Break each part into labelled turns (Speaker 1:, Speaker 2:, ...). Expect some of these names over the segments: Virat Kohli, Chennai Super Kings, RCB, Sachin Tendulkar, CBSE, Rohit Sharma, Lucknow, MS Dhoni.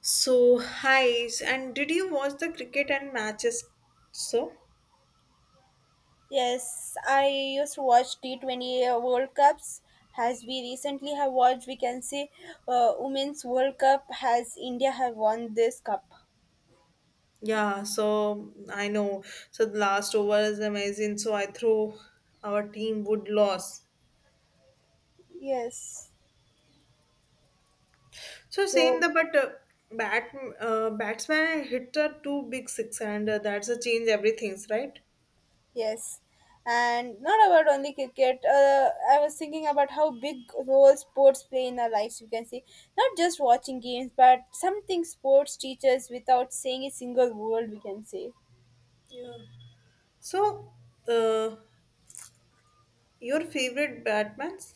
Speaker 1: So, hi, and did you watch the cricket and matches? So,
Speaker 2: Yes, I used to watch T20 World Cups. As we recently have watched, we can say Women's World Cup has India have won this cup.
Speaker 1: yeah, so I know. So, the last over is amazing. So, I throw our team would lose.
Speaker 2: Yes.
Speaker 1: So, same
Speaker 2: So
Speaker 1: the but bat batsman and hitter two big six, and that's a change everything's right.
Speaker 2: yes, and not about only cricket. I was thinking about how big role sports play in our lives. You can see not just watching games, but something sports teaches without saying a single word. We can say.
Speaker 1: Yeah. So, uh, your favorite Batmans?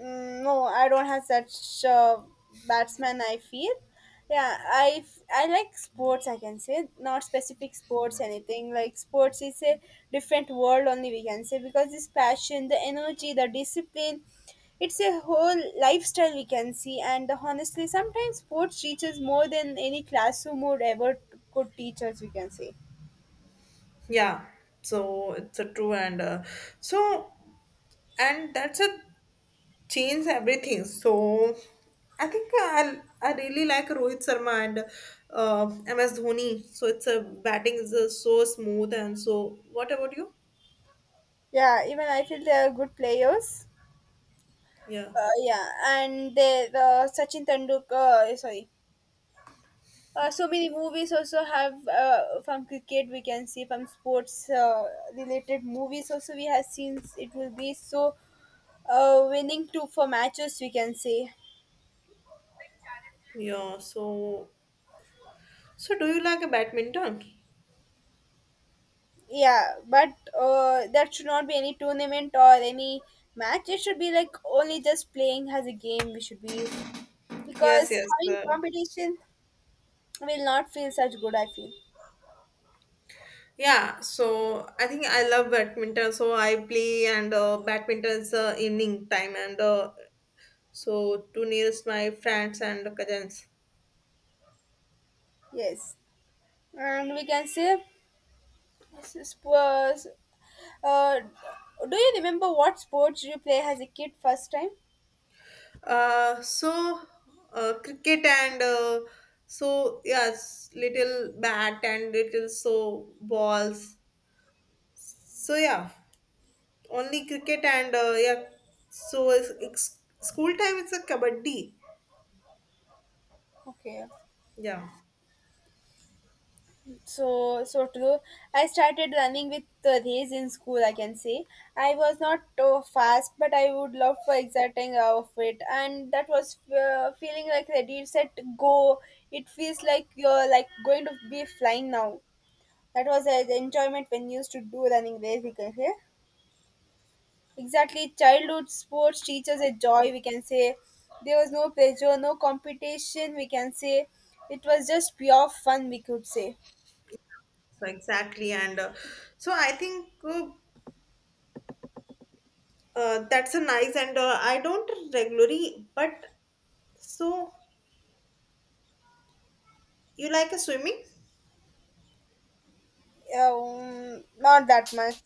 Speaker 2: Mm, no, I don't have such batsman. I feel, yeah, I like sports. I can say not specific sports, anything like sports is a different world only we can say because this passion, the energy, the discipline, it's a whole lifestyle we can see. And honestly, sometimes sports teaches more than any classroom would ever could teach us. We can say,
Speaker 1: Yeah. So it's a true and so and that's a change everything. So I think I really like Rohit Sharma and uh, MS Dhoni. So it's a batting is so smooth and so. What about you?
Speaker 2: yeah, even I feel they are good players.
Speaker 1: Yeah,
Speaker 2: Yeah, and they the Sachin Tendulkar. Sorry. So many movies also have from cricket we can see from sports related movies also we have seen it will be so winning to for matches we can say
Speaker 1: yeah. So so do you like a badminton?
Speaker 2: yeah but that should not be any tournament or any match, it should be like only just playing as a game we should be because
Speaker 1: Yes, yes.
Speaker 2: having competition will not feel such good, I feel
Speaker 1: Yeah. So I think I love badminton. So I play and badminton is evening time and so to nearest my friends and cousins.
Speaker 2: yes, and we can say this sports. Uh, do you remember what sports you play as a kid first time?
Speaker 1: So cricket and so yes, little bat and little so balls. So yeah, only cricket and yeah. So it's school time. It's a kabaddi.
Speaker 2: Okay.
Speaker 1: Yeah.
Speaker 2: So, true. I started running with the race in school, I can say. I was not fast, but I would love for exciting of it. And that was feeling like ready, set, go. It feels like you're like going to be flying now. That was the enjoyment when you used to do running race, we can say. Exactly, childhood sports teaches a joy, we can say. There was no pressure, no competition, we can say. It was just pure fun, we could say.
Speaker 1: So exactly, and so I think that's a nice and I don't regularly, but so you like a swimming?
Speaker 2: Not that much.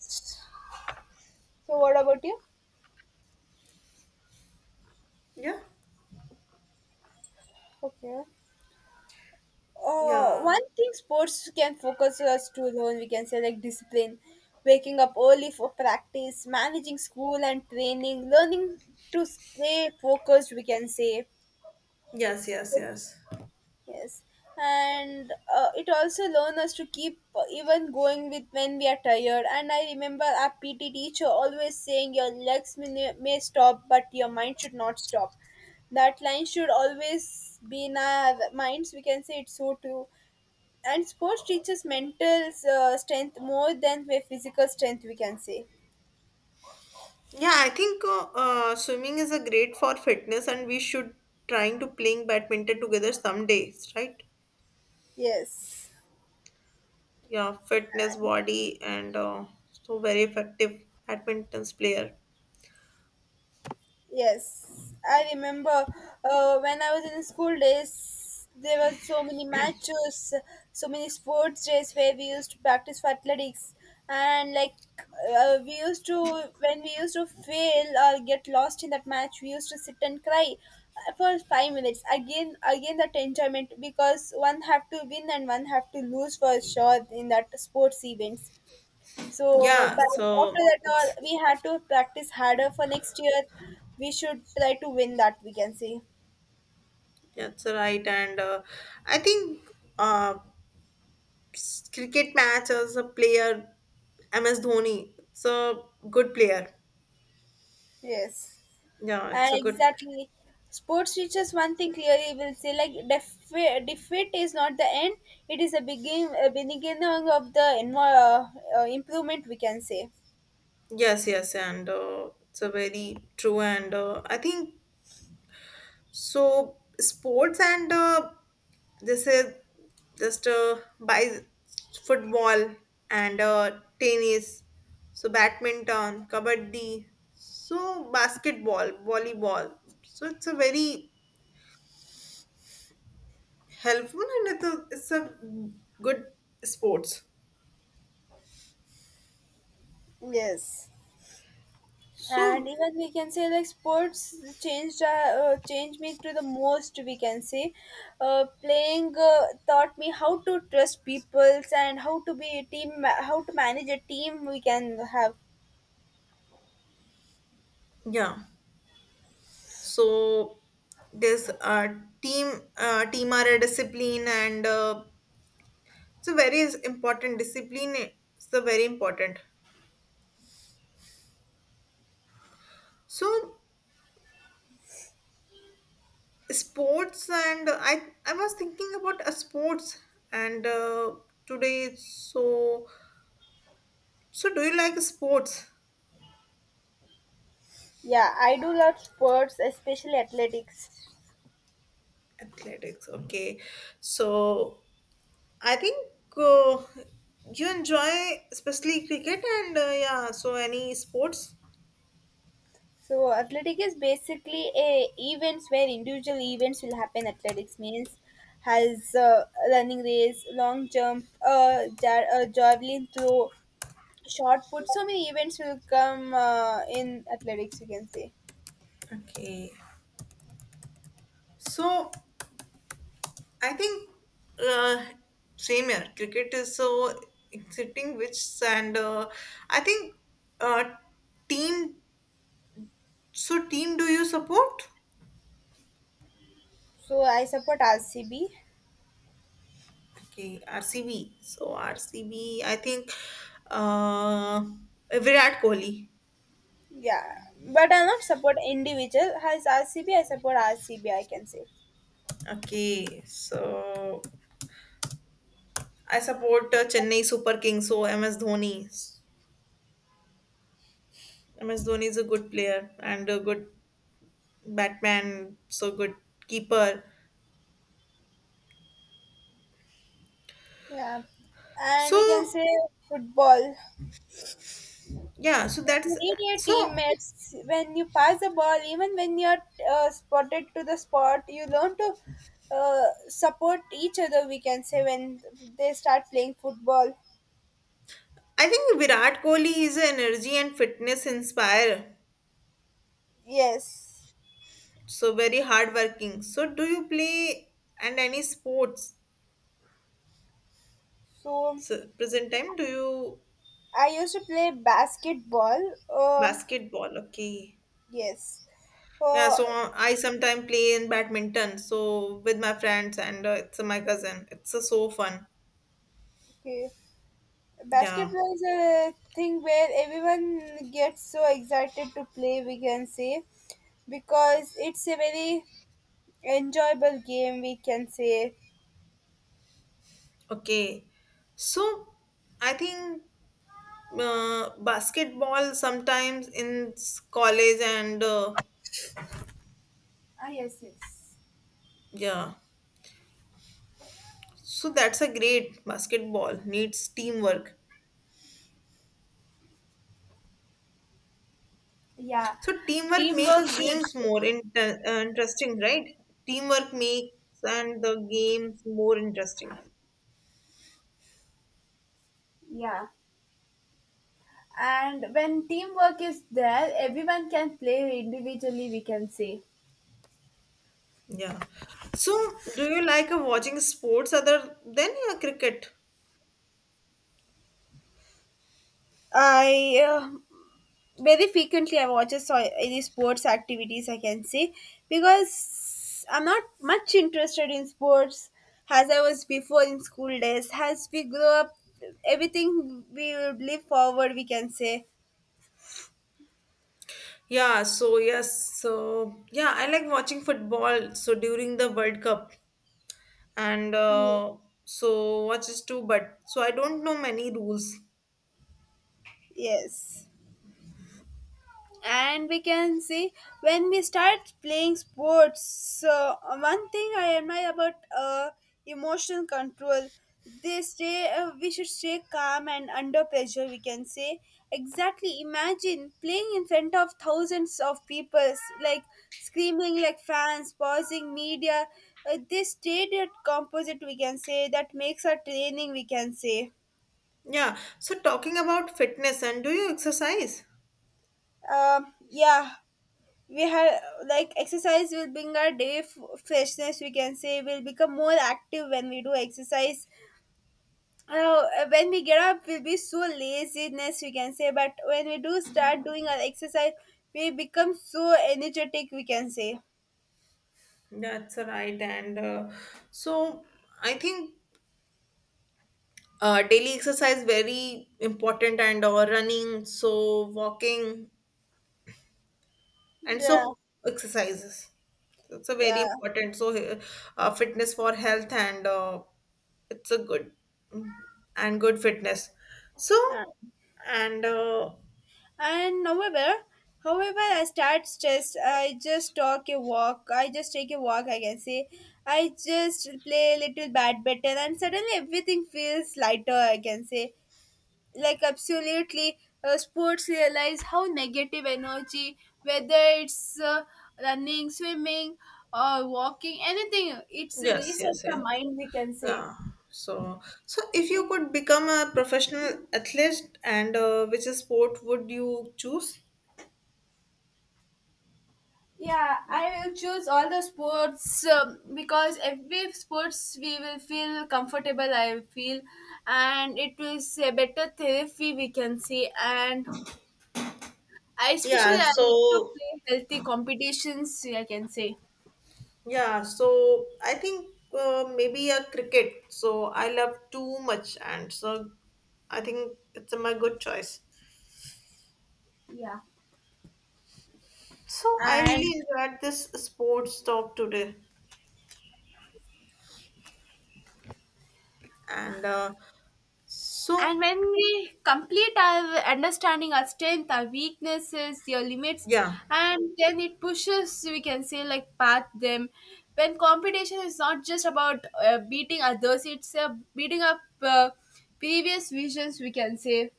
Speaker 2: So, what about you?
Speaker 1: Yeah.
Speaker 2: Okay.
Speaker 1: Yeah.
Speaker 2: One thing sports can focus us to learn, we can say, like discipline, waking up early for practice, managing school and training, learning to stay focused, we can say.
Speaker 1: Yes. Yes. Yes.
Speaker 2: Yes, and it also learns us to keep even going with when we are tired. And I remember our PT teacher always saying, "Your legs may stop, but your mind should not stop." That line should always be in our minds. We can say it's so true. And sports teaches mental strength more than their physical strength. We can say
Speaker 1: Yeah, I think swimming is a great for fitness, and we should trying to playing badminton together some days, right?
Speaker 2: yes.
Speaker 1: Yeah, fitness, body, and so very effective badminton player.
Speaker 2: Yes, I remember when I was in school days, there were so many matches, so many sports days where we used to practice for athletics, and like we used to when we used to fail or get lost in that match, we used to sit and cry for 5 minutes. Again, again that enjoyment because one have to win and one have to lose for sure in that sports events. So,
Speaker 1: Yeah,
Speaker 2: but after
Speaker 1: so
Speaker 2: that, all
Speaker 1: it's
Speaker 2: we had to practice harder for next year. We should try to win that, we can say.
Speaker 1: that's right, and I think uh, cricket match as a player, MS Dhoni, it's a good player.
Speaker 2: Yes.
Speaker 1: Yeah,
Speaker 2: And
Speaker 1: it's a good.
Speaker 2: exactly. Sports teaches one thing clearly, will say like defeat is not the end, it is a a beginning of the improvement, we can say.
Speaker 1: Yes, yes, and it's a very true, and I think so sports and this is just by football and tennis, so badminton, kabaddi, so basketball, volleyball. So it's a very helpful and it's a good sports.
Speaker 2: Yes. And
Speaker 1: So
Speaker 2: even we can say like sports changed uh, changed me to the most, we can say. Playing taught me how to trust peoples and how to be a how to manage a team, we can have
Speaker 1: yeah, so this team are a discipline and it's a very important discipline. It's a very important. So sports and I was thinking about a sports and today it's so so do you like sports
Speaker 2: yeah, I do love sports, especially athletics.
Speaker 1: athletics okay so I think uh, you enjoy especially cricket and yeah so any sports
Speaker 2: So athletic is basically a events where individual events will happen. Athletics means has running race, long jump, javelin throw, shot put, so many events will come in athletics, you can say.
Speaker 1: okay so I think uh, same here cricket is so exciting which and I think uh, team so, team do you support?
Speaker 2: So I support RCB,
Speaker 1: Okay, RCB. So, RCB, I think uh, Virat Kohli.
Speaker 2: yeah, but I not support individual. Has RCB? I support RCB, I can say.
Speaker 1: Okay, so I support Chennai Super Kings. So, MS Dhoni. MS Dhoni is a good player and a good batman, so good keeper.
Speaker 2: Yeah, and we can
Speaker 1: So,
Speaker 2: say football,
Speaker 1: yeah, so
Speaker 2: you
Speaker 1: that's
Speaker 2: need your
Speaker 1: so
Speaker 2: teammates when you pass the ball even when you're spotted to the spot. You learn to support each other, we can say, when they start playing football.
Speaker 1: I think Virat Kohli is an energy and fitness inspire.
Speaker 2: Yes.
Speaker 1: So, very hardworking. So, do you play and any sports?
Speaker 2: So
Speaker 1: So present time, do you
Speaker 2: I used to play basketball.
Speaker 1: basketball? Okay.
Speaker 2: Yes.
Speaker 1: Yeah,
Speaker 2: Uh,
Speaker 1: so I sometimes play in badminton. So with my friends and it's my cousin. It's so fun.
Speaker 2: okay.
Speaker 1: Yeah.
Speaker 2: Basketball is a thing where everyone gets so excited to play, we can say, because it's a very enjoyable game, we can say.
Speaker 1: Okay. So I think basketball sometimes in college and
Speaker 2: Ah, yes, yes.
Speaker 1: yeah. So that's a great basketball needs teamwork.
Speaker 2: Yeah.
Speaker 1: So teamwork make
Speaker 2: Teamwork
Speaker 1: a
Speaker 2: is,
Speaker 1: games more interesting, right? Teamwork makes and the games more interesting.
Speaker 2: yeah. And when teamwork is there, everyone can play individually, we can say.
Speaker 1: Yeah. So do you like watching sports other than your cricket?
Speaker 2: I Very frequently I watch a so any sports activities, I can say, because I'm not much interested in sports as I was before in school days. As we grow up, everything we will live forward. We can say
Speaker 1: Yeah, so yes, so yeah, I like watching football. So during the World Cup, and so watches too, but so I don't know many rules.
Speaker 2: yes. And we can see when we start playing sports so one thing I admire about emotional control. They stay we should stay calm and under pressure, we can say. Exactly, imagine playing in front of thousands of people, like screaming like fans, pausing media. They stayed at composite, we can say, that makes our training, we can say.
Speaker 1: Yeah, so talking about fitness and do you exercise?
Speaker 2: Um, yeah, we have like exercise will bring our day freshness, we can say. We'll become more active when we do exercise. uh, when we get up we'll be so laziness, we can say, but when we do start doing our exercise we become so energetic, we can say.
Speaker 1: That's right, and so I think daily exercise very important and or running so walking and
Speaker 2: Yeah,
Speaker 1: so exercises it's a very
Speaker 2: yeah.
Speaker 1: important so fitness for health and it's a good mm, and good fitness so
Speaker 2: uh,
Speaker 1: and
Speaker 2: and However, I start stressed, I just take a walk, I can say. I just play a little badminton and suddenly everything feels lighter, I can say, like absolutely. Sports realize how negative energy, whether it's running, swimming or walking, anything, it's
Speaker 1: yes yes
Speaker 2: resets
Speaker 1: yeah.
Speaker 2: the mind, we can say.
Speaker 1: Yeah so so if you could become a professional athlete and which sport would you choose
Speaker 2: Yeah, I will choose all the sports. Um, because every sports we will feel comfortable, I feel, and it is a better therapy, we can say. And I,
Speaker 1: yeah
Speaker 2: especially I like to
Speaker 1: so
Speaker 2: play healthy competitions, I can say.
Speaker 1: yeah, so I think maybe a cricket. So I love too much, and so I think it's my good choice.
Speaker 2: Yeah,
Speaker 1: So I
Speaker 2: and.
Speaker 1: really enjoyed this sports talk today, and so
Speaker 2: And when we complete our understanding our strength, our weaknesses, your limits,
Speaker 1: yeah,
Speaker 2: and then it pushes, we can say, like, path them. When competition is not just about beating others, it's beating up previous visions, we can say.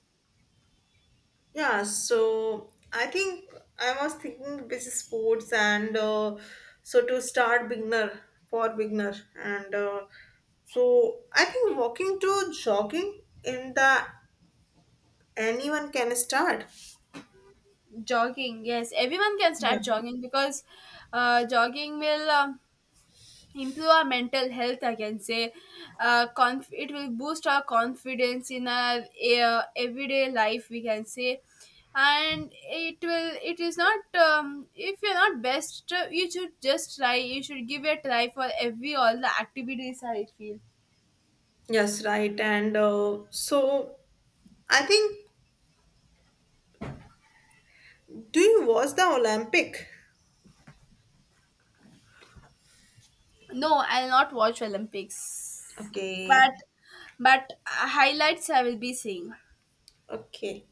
Speaker 1: yeah. So I think I was thinking this is sports, and so to start beginner for beginner, and so I think walking to jogging in the anyone can start.
Speaker 2: Jogging, yes, everyone can
Speaker 1: Yeah.
Speaker 2: start jogging because jogging will. Improve our mental health, I can say. It will boost our confidence in our everyday life, we can say, and it will. It is not, if you're not best you should just try, you should give it a try for every all the activities, I feel.
Speaker 1: Yes, right. And so I think, do you watch the Olympic?
Speaker 2: No, I'll not watch Olympics, but
Speaker 1: Okay,
Speaker 2: but highlights I will be seeing.
Speaker 1: okay.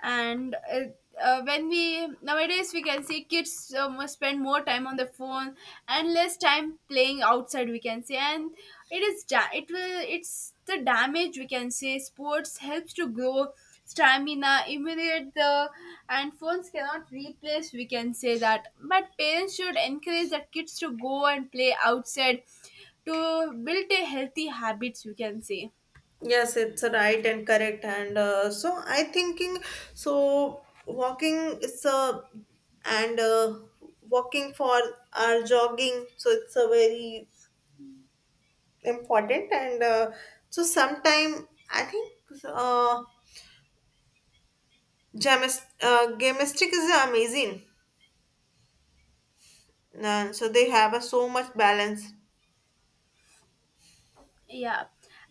Speaker 2: And when we nowadays we can see kids must spend more time on the phone and less time playing outside, we can say, and it is it will it's the damage, we can say. Sports helps to grow stamina, immunity, the. And phones cannot replace, we can say, that, but parents should encourage their kids to go and play outside to build a healthy habits, we can say.
Speaker 1: Yes, it's right and correct. And so I thinking, so walking is a and walking for our jogging. So it's a very important. And so sometime I think uh, gymnastic is amazing. So they have a so much balance.
Speaker 2: Yeah,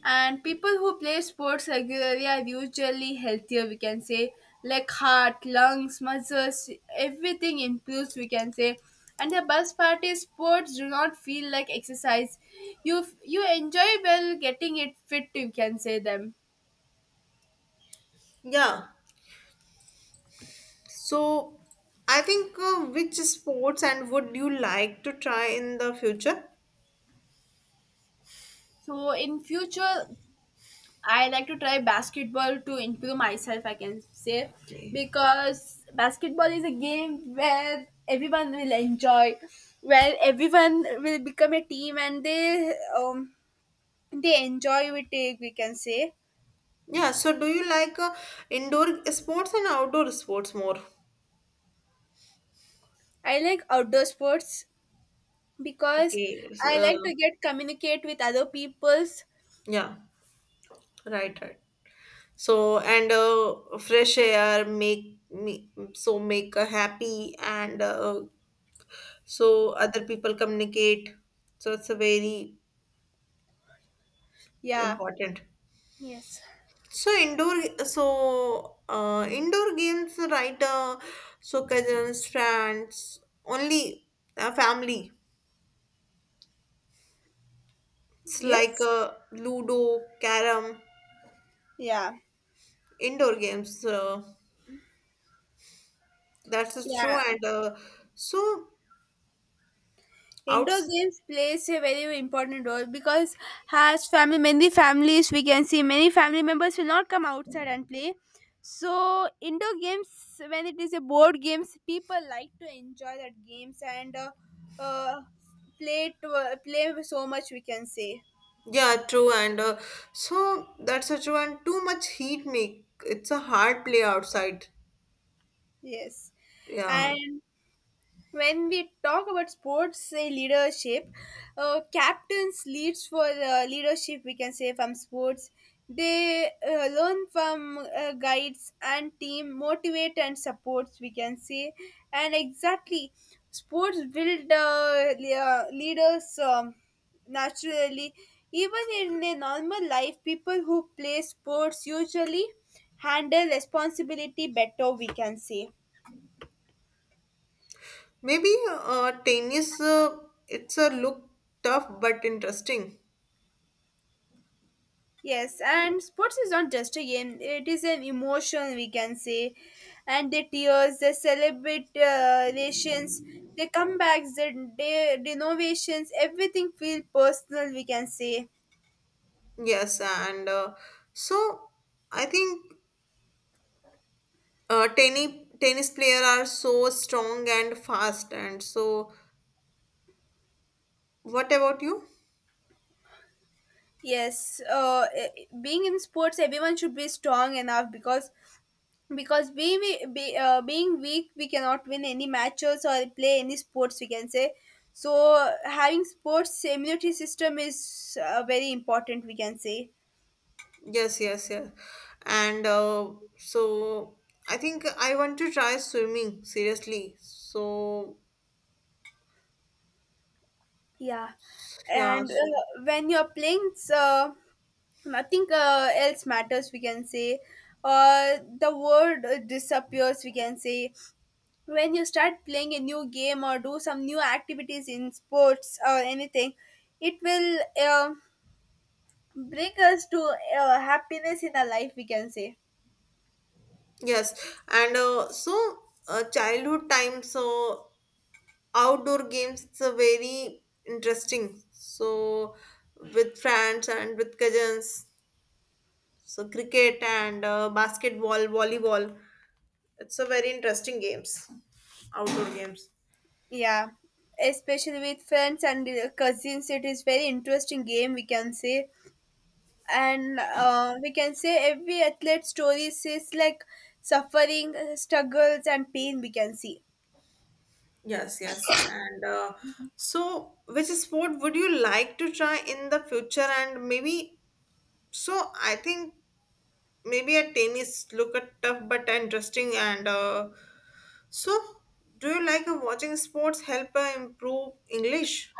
Speaker 2: and people who play sports regularly are usually healthier, we can say, like heart, lungs, muscles, everything improves, we can say. And the best part is sports do not feel like exercise. You enjoy well getting it fit, you can say them.
Speaker 1: Yeah. So, I think which sports and would you like to try in the future?
Speaker 2: So in future, I like to try basketball to improve myself, I can say,
Speaker 1: Okay.
Speaker 2: because basketball is a game where everyone will enjoy, where everyone will become a team and they enjoy with it. We can say
Speaker 1: Yeah, so do you like indoor sports and outdoor sports more?
Speaker 2: I like outdoor sports because
Speaker 1: Okay, so,
Speaker 2: I like to get communicate with other people's.
Speaker 1: yeah, right, right. So, and fresh air make me so make a happy and so other people communicate. So it's a very
Speaker 2: Yeah.
Speaker 1: important.
Speaker 2: Yes.
Speaker 1: So indoor, so indoor games, right? So cousins, friends, only family. It's like
Speaker 2: Yes.
Speaker 1: Ludo, Carom,
Speaker 2: Yeah.
Speaker 1: indoor games. That's true,
Speaker 2: Yeah.
Speaker 1: and so
Speaker 2: Indoor
Speaker 1: outs.
Speaker 2: games plays a very important role because has family many families we can see, many family members will not come outside and play. So indoor games, when it is a board games people like to enjoy that games, and uh, play to, play so much, we can say.
Speaker 1: Yeah, true, and so that's true, and too much heat make it's a hard play outside.
Speaker 2: Yes,
Speaker 1: Yeah,
Speaker 2: and when we talk about sports, say leadership, captains leads for leadership, we can say, from sports they learn from guides and team motivate and supports, we can say. And exactly, sports build leaders, naturally. Even in a normal life, people who play sports usually handle responsibility better, we can say.
Speaker 1: maybe tennis. It's a look tough but interesting.
Speaker 2: Yes, and sports is not just a game, it is an emotion, we can say. And the tears, the celebrations, the comebacks, the renovations, everything feel personal, we can say.
Speaker 1: Yes, and so I think uh, tennis tennis player are so strong and fast. And so, what about you?
Speaker 2: Yes, being in sports, everyone should be strong enough because because being weak, we cannot win any matches or play any sports, we can say. So having sports immunity system is very important, we can say.
Speaker 1: Yes, yes, yes. And so I think I want to try swimming seriously. So
Speaker 2: Yeah,
Speaker 1: yeah,
Speaker 2: and when you're playing, so nothing else matters. We can say, the world disappears. We can say when you start playing a new game or do some new activities in sports or anything, it will bring us to happiness in our life. We can say,
Speaker 1: yes, and so childhood time. So outdoor games. It's a very interesting. So with friends and with cousins so cricket and basketball, volleyball. It's a very interesting games, outdoor games.
Speaker 2: yeah, especially with friends and cousins. It is very interesting game. We can say and we can say every athlete story says like suffering struggles and pain we can see.
Speaker 1: Yes, yes. And so, which sport would you like to try in the future? And maybe, so I think maybe a tennis look at tough but interesting. And so, do you like watching sports help improve English?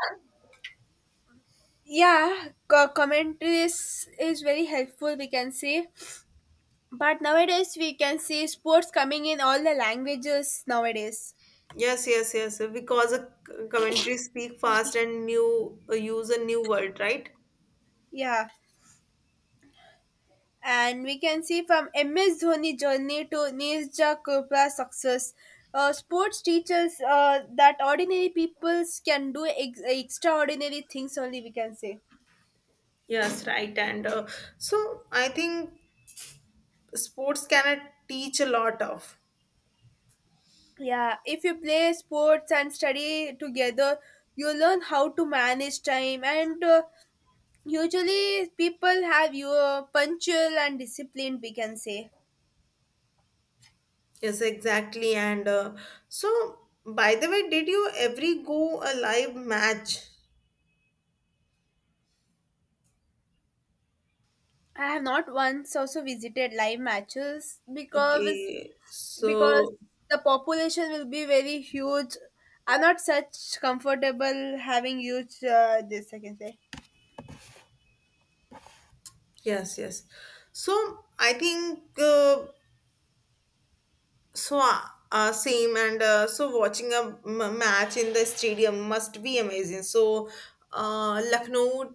Speaker 2: Yeah, commentaries is very helpful, we can see, but nowadays we can see sports coming in all the languages nowadays.
Speaker 1: Yes, yes, yes. Because a commentary speak fast and new use a new word, right?
Speaker 2: Yeah, and we can see from MS Dhoni journey to Nirja Chopra's success, sports teaches that ordinary peoples can do extraordinary things only, we can say.
Speaker 1: Yes, right. And so I think sports can teach a lot of.
Speaker 2: Yeah, if you play sports and study together, you learn how to manage time. And usually, people have your punctual and disciplined. We can say
Speaker 1: Yes, exactly. And so, by the way, did you ever go a live match?
Speaker 2: I have not once also visited live matches because
Speaker 1: Okay.
Speaker 2: because
Speaker 1: So,
Speaker 2: the population will be very huge. I'm not such comfortable having huge this. I can say.
Speaker 1: yes, yes. So, I think so. Same and so watching a match in the stadium must be amazing. So, uh, Lucknow,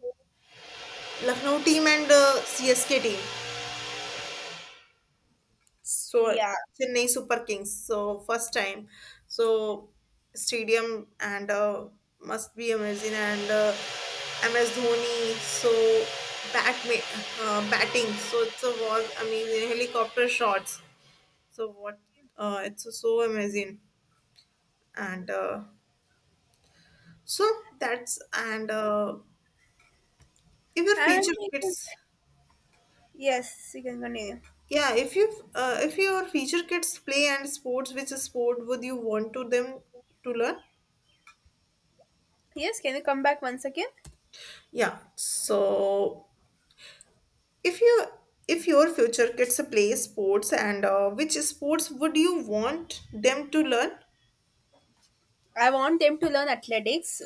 Speaker 1: Lucknow team and CSK team. So
Speaker 2: Yeah,
Speaker 1: Chennai Super Kings. So first time. So stadium and must be amazing and MS Dhoni. So bat batting. So it's a was amazing helicopter shots. So what? It's so amazing and so that's and if your
Speaker 2: and
Speaker 1: feature kids
Speaker 2: yes, you can continue.
Speaker 1: yeah if you if your future kids play and sports which sport would you want to them to learn
Speaker 2: Yes, can you come back once again?
Speaker 1: yeah. So if you if your future kids play sports and which sports would you want them to learn?
Speaker 2: I want them to learn athletics.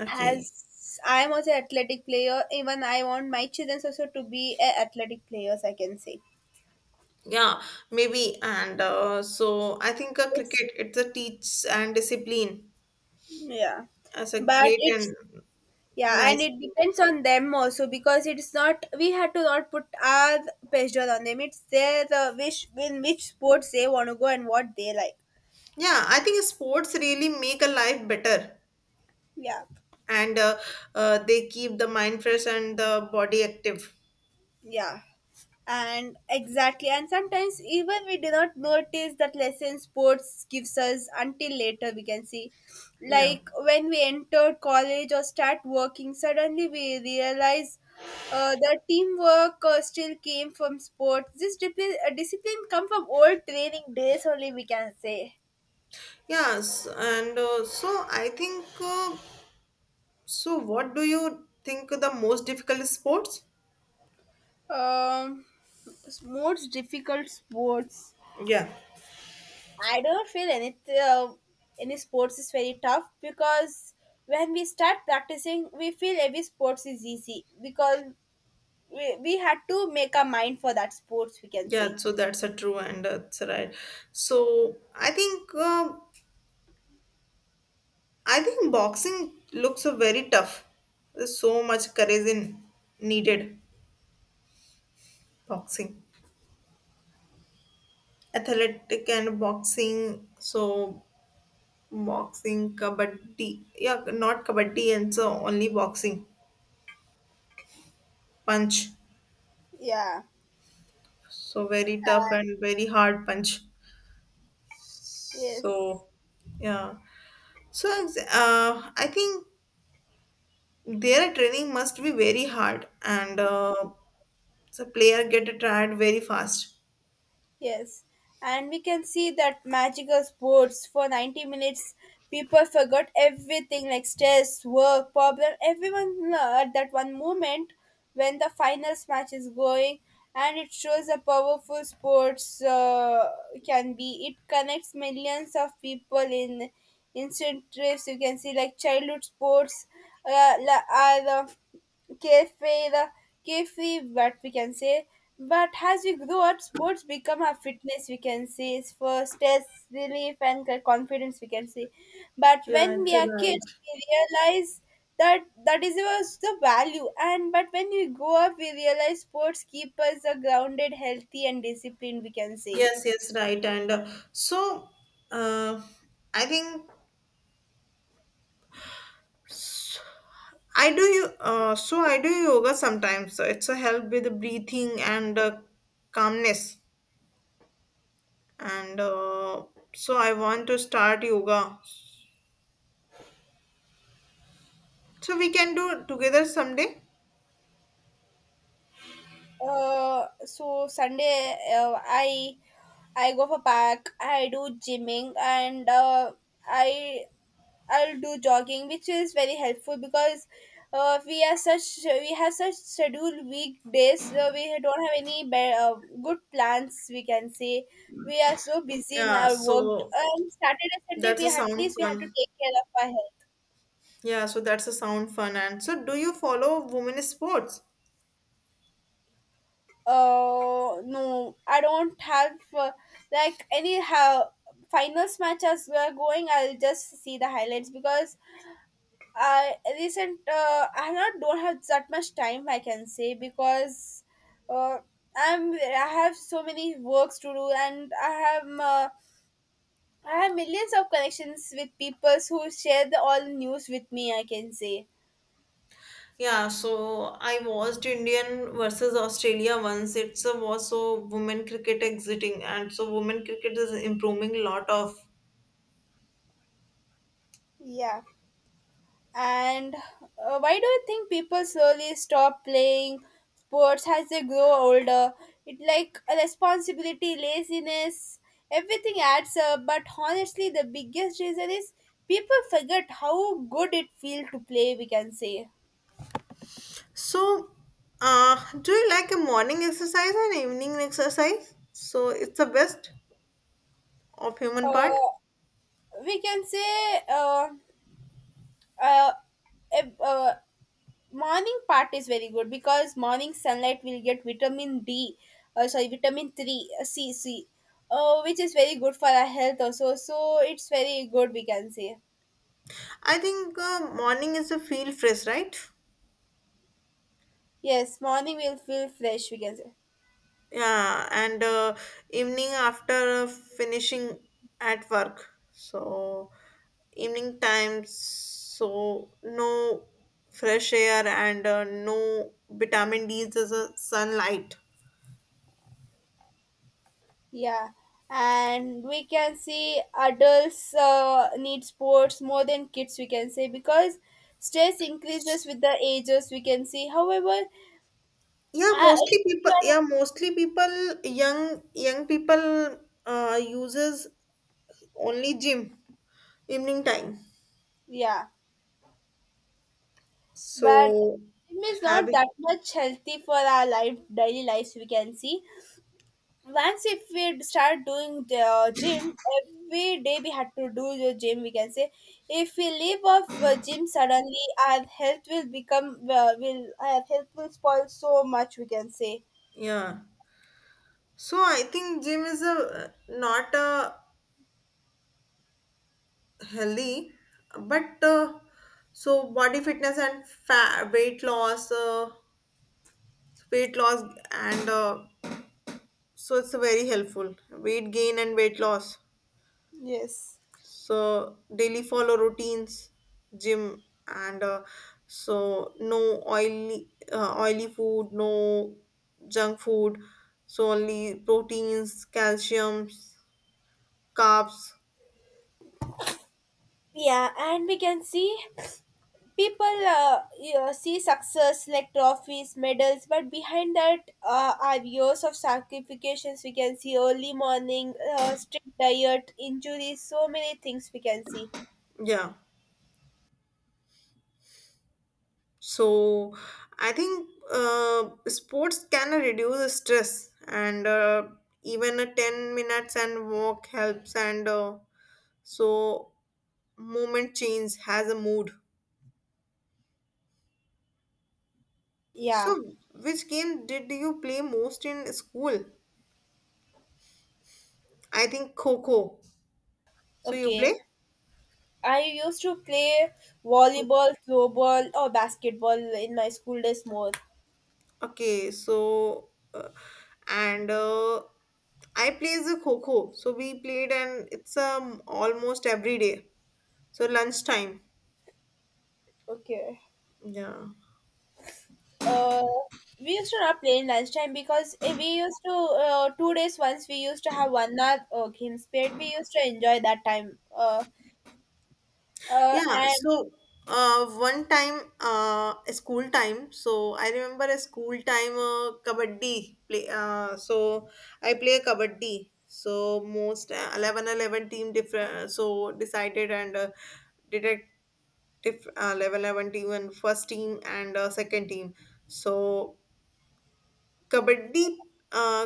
Speaker 1: Okay.
Speaker 2: As I am also an athletic player, even I want my children also to be a athletic players. I can say
Speaker 1: Yeah, maybe. And so I think
Speaker 2: it's,
Speaker 1: cricket it's a teach and discipline
Speaker 2: yeah,
Speaker 1: as a
Speaker 2: but
Speaker 1: great
Speaker 2: it's,
Speaker 1: and
Speaker 2: yeah, and
Speaker 1: nice
Speaker 2: it
Speaker 1: thing.
Speaker 2: depends on them also because it's not we had to not put our pressure on them. It's their wish in which sports they want to go and what they like.
Speaker 1: Yeah, I think sports really make a life better
Speaker 2: Yeah.
Speaker 1: and they keep the mind fresh and the body active.
Speaker 2: Yeah. And exactly. And sometimes even we do not notice that lesson sports gives us until later, we can see.
Speaker 1: Yeah.
Speaker 2: Like when we entered college or start working, suddenly we realize the teamwork still came from sports. This discipline, discipline come from old training days only, we can say.
Speaker 1: Yes, and so I think so, what do you think the most difficult sports?
Speaker 2: Um, most difficult sports.
Speaker 1: Yeah,
Speaker 2: I don't feel any sports is very tough because when we start practicing, we feel every sports is easy because we had to make our mind for that sports. We can
Speaker 1: yeah.
Speaker 2: say,
Speaker 1: So that's a true and that's right. So I think boxing looks a very tough. There's so much courage in needed boxing, athletic and boxing. So boxing, kabaddi. Yeah, not kabaddi and so only boxing punch.
Speaker 2: yeah,
Speaker 1: So very tough and very hard punch.
Speaker 2: yes.
Speaker 1: So yeah. So, I think their training must be very hard, and the player get tired very fast.
Speaker 2: Yes, and we can see that magical sports for 90 minutes. People forgot everything like stress, work, problem. Everyone at that one moment when the finals match is going, and it shows how powerful sports can be. It connects millions of people in instant trips. You can see like childhood sports are. Cafe the cafe, what we can say, but as we grow up sports become our fitness, we can say, is for stress relief and confidence, we can say, but when
Speaker 1: Yeah, it's
Speaker 2: we
Speaker 1: a
Speaker 2: are kids
Speaker 1: right.
Speaker 2: we realize that that is was the value, and but when we grow up we realize sports keep us grounded, healthy and disciplined, we can say.
Speaker 1: Yes, yes, right. And so, uh, I think s- I do you. So I do yoga sometimes. So it's a help with the breathing and calmness. And so I want to start yoga. So we can do together someday.
Speaker 2: So sunday, I go for park, I do gymming and i I'll do jogging, which is very helpful because we are such we have such scheduled weekdays. We don't have any good plans. We can say we are so busy in
Speaker 1: Yeah.
Speaker 2: our work.
Speaker 1: So
Speaker 2: And Saturday, Sunday,
Speaker 1: that's
Speaker 2: we
Speaker 1: a
Speaker 2: at
Speaker 1: sound
Speaker 2: least we have to
Speaker 1: fun.
Speaker 2: take care of our health.
Speaker 1: Yeah, so that's a sound fun. And so, do you follow women's sports?
Speaker 2: No, I don't have like any how finals match as we are going. I'll just see the highlights because I recent, I not don't have that much time, I can say, because uh, I have so many works to do, and I have millions of connections with people who share the all news with me, I can say.
Speaker 1: Yeah, so I watched Indian versus Australia once. It's a was so women cricket exiting, and so women cricket is improving a lot of.
Speaker 2: Yeah. And why do you think people slowly stop playing sports as they grow older? It like a responsibility, laziness, everything adds up. But honestly, the biggest reason is people forget how good it feels to play. We can say,
Speaker 1: So, do you like a morning exercise and evening exercise? So it's the best of human part.
Speaker 2: uh, we can say, uh, uh, ev- uh, morning part is very good because morning sunlight will get vitamin D, sorry, vitamin 3, C, which is very good for our health also. So it's very good, we can say.
Speaker 1: I think morning is a feel fresh, right?
Speaker 2: Yes, morning will feel fresh, we can say.
Speaker 1: Yeah, and evening after finishing at work. So evening times, so no fresh air and no vitamin D as a sunlight.
Speaker 2: Yeah. And we can see adults need sports more than kids, we can say, because stress increases with the ages, we can see. However,
Speaker 1: Yeah,
Speaker 2: I, if
Speaker 1: mostly
Speaker 2: you
Speaker 1: people.
Speaker 2: are-
Speaker 1: Yeah, mostly people. Young people uses only gym evening time.
Speaker 2: yeah. But
Speaker 1: So
Speaker 2: gym is
Speaker 1: have
Speaker 2: not that much healthy for our life daily lives, we can see. Once if we start doing the gym every day we had to do the gym, we can say, if we leave off gym suddenly our health will become will our health will spoil so much, we can say.
Speaker 1: yeah. So I think gym is a not a healthy but so body fitness and fat, weight loss and so it's very helpful weight gain and weight loss
Speaker 2: Yes,
Speaker 1: so daily follow routines gym and so no oily food no junk food so only proteins calciums carbs
Speaker 2: yeah. And we can see people, yeah, see success like trophies, medals, but behind that are years of sacrifices. We can see early morning, strict diet, injuries, so many things, we can see.
Speaker 1: yeah so I think sports can reduce the stress and even a 10 minutes and walk helps and so movement change has a mood.
Speaker 2: Yeah,
Speaker 1: So which game did you play most in school? I think Coco. So you
Speaker 2: okay.
Speaker 1: play?
Speaker 2: I used to play
Speaker 1: Kho-
Speaker 2: volleyball, throwball, or basketball in my school days more.
Speaker 1: Okay, so and I plays the Coco. So we played and it's almost every day. So lunchtime.
Speaker 2: Okay.
Speaker 1: Yeah.
Speaker 2: Uh, we used to not play in lunchtime because eh, we used to 2 days once we used to have 1 hour games period. We used to enjoy that time. Uh, uh,
Speaker 1: Yeah,
Speaker 2: and
Speaker 1: so one time, a school time. So I remember a school time kabaddi play. So I play kabaddi. So most 11 eleven team different. So decided and did a 11 eleven team and first team and second team. So kabaddi uh,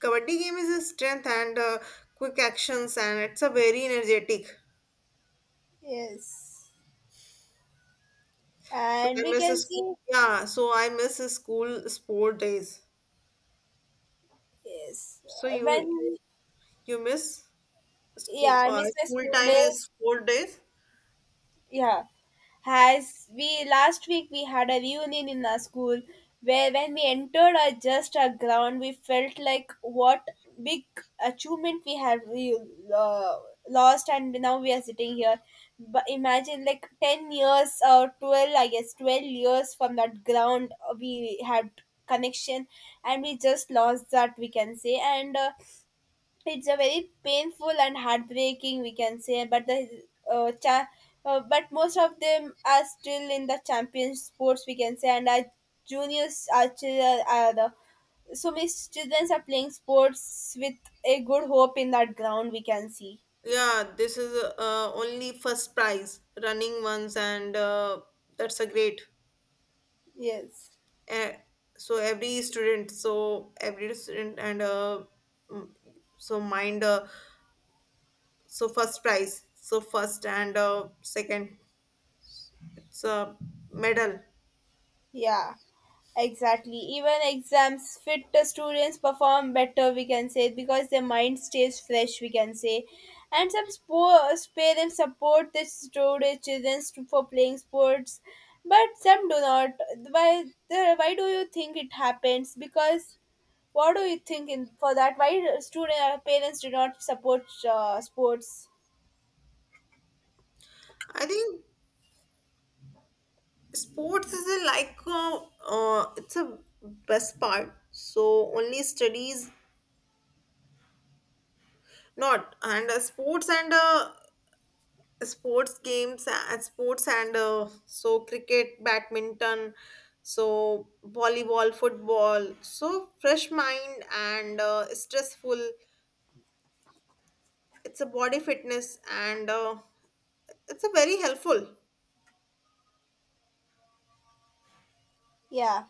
Speaker 1: kabaddi game is a strength and quick actions and it's a very energetic
Speaker 2: yes,
Speaker 1: so
Speaker 2: and
Speaker 1: I
Speaker 2: we
Speaker 1: miss
Speaker 2: can
Speaker 1: his school.
Speaker 2: see
Speaker 1: Yeah, so I miss his school sport days.
Speaker 2: yes
Speaker 1: So you
Speaker 2: when,
Speaker 1: miss school
Speaker 2: yeah, I miss my
Speaker 1: school
Speaker 2: school
Speaker 1: time is
Speaker 2: days.
Speaker 1: sport days.
Speaker 2: Yeah, as we last week we had a reunion in our school where when we entered our just our ground we felt like what big achievement we have we, uh, lost and now we are sitting here. But imagine like 10 years or 12, I guess 12 years from that ground we had connection and we just lost that, we can say, and it's a very painful and heartbreaking, we can say, but the uh, cha- but most of them are still in the champion sports, we can say, and our juniors are, are the so many students are playing sports with a good hope in that ground, we can see.
Speaker 1: Yeah, this is only first prize running ones and that's a great.
Speaker 2: Yes,
Speaker 1: Uh, so every student and mm, so mind so first prize, so first and second. It's a medal.
Speaker 2: yeah. Exactly. Even exams, fit students perform better, we can say, because their mind stays fresh, we can say. And some sports parents support their students, children for playing sports, but some do not. Why, why do you think it happens? Because what do you think in, for that? Why do student parents do not support sports?
Speaker 1: I think sports is a like it's a best part so only studies not and sports and sports games and sports and so cricket badminton so volleyball football so fresh mind and stressful it's a body fitness and it's a very helpful
Speaker 2: Yeah.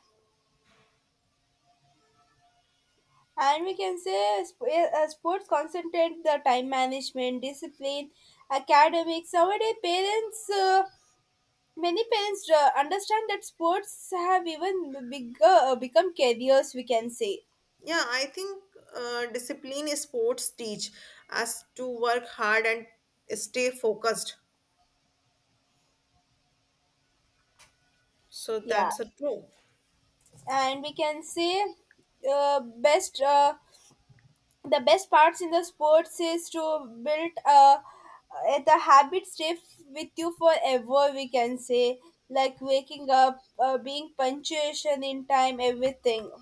Speaker 2: And we can say sports concentrate the time management, discipline, academics. Nowadays, parents, many parents understand that sports have even bigger become careers. We can say,
Speaker 1: yeah I think discipline is sports teach us to work hard and stay focused so
Speaker 2: yeah,
Speaker 1: that's a true.
Speaker 2: and we can say, best the best parts in the sports is to build the habit stay with you forever. We can say, like waking up, being punctuation in time, everything.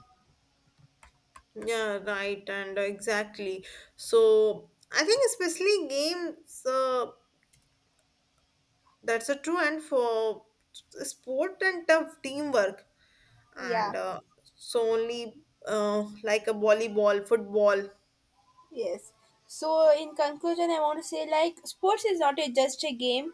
Speaker 1: Yeah, right, and exactly. So I think especially games, that's a true, and for sport and tough teamwork,
Speaker 2: Yeah,
Speaker 1: and so only like a volleyball, football.
Speaker 2: yes. So, in conclusion, I want to say like sports is not a, just a game.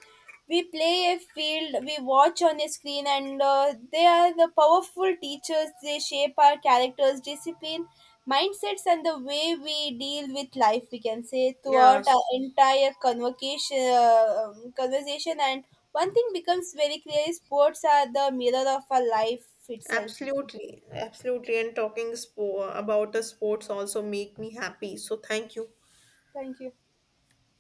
Speaker 2: We play a field, we watch on a screen, and they are the powerful teachers. They shape our characters, discipline, mindsets, and the way we deal with life. We can say
Speaker 1: Yeah,
Speaker 2: throughout our entire convocation, conversation, and one thing becomes very clear: is sports are the mirror of our life itself. We can say.
Speaker 1: absolutely, absolutely. And talking about the sports also make me happy. So thank you.
Speaker 2: Thank you.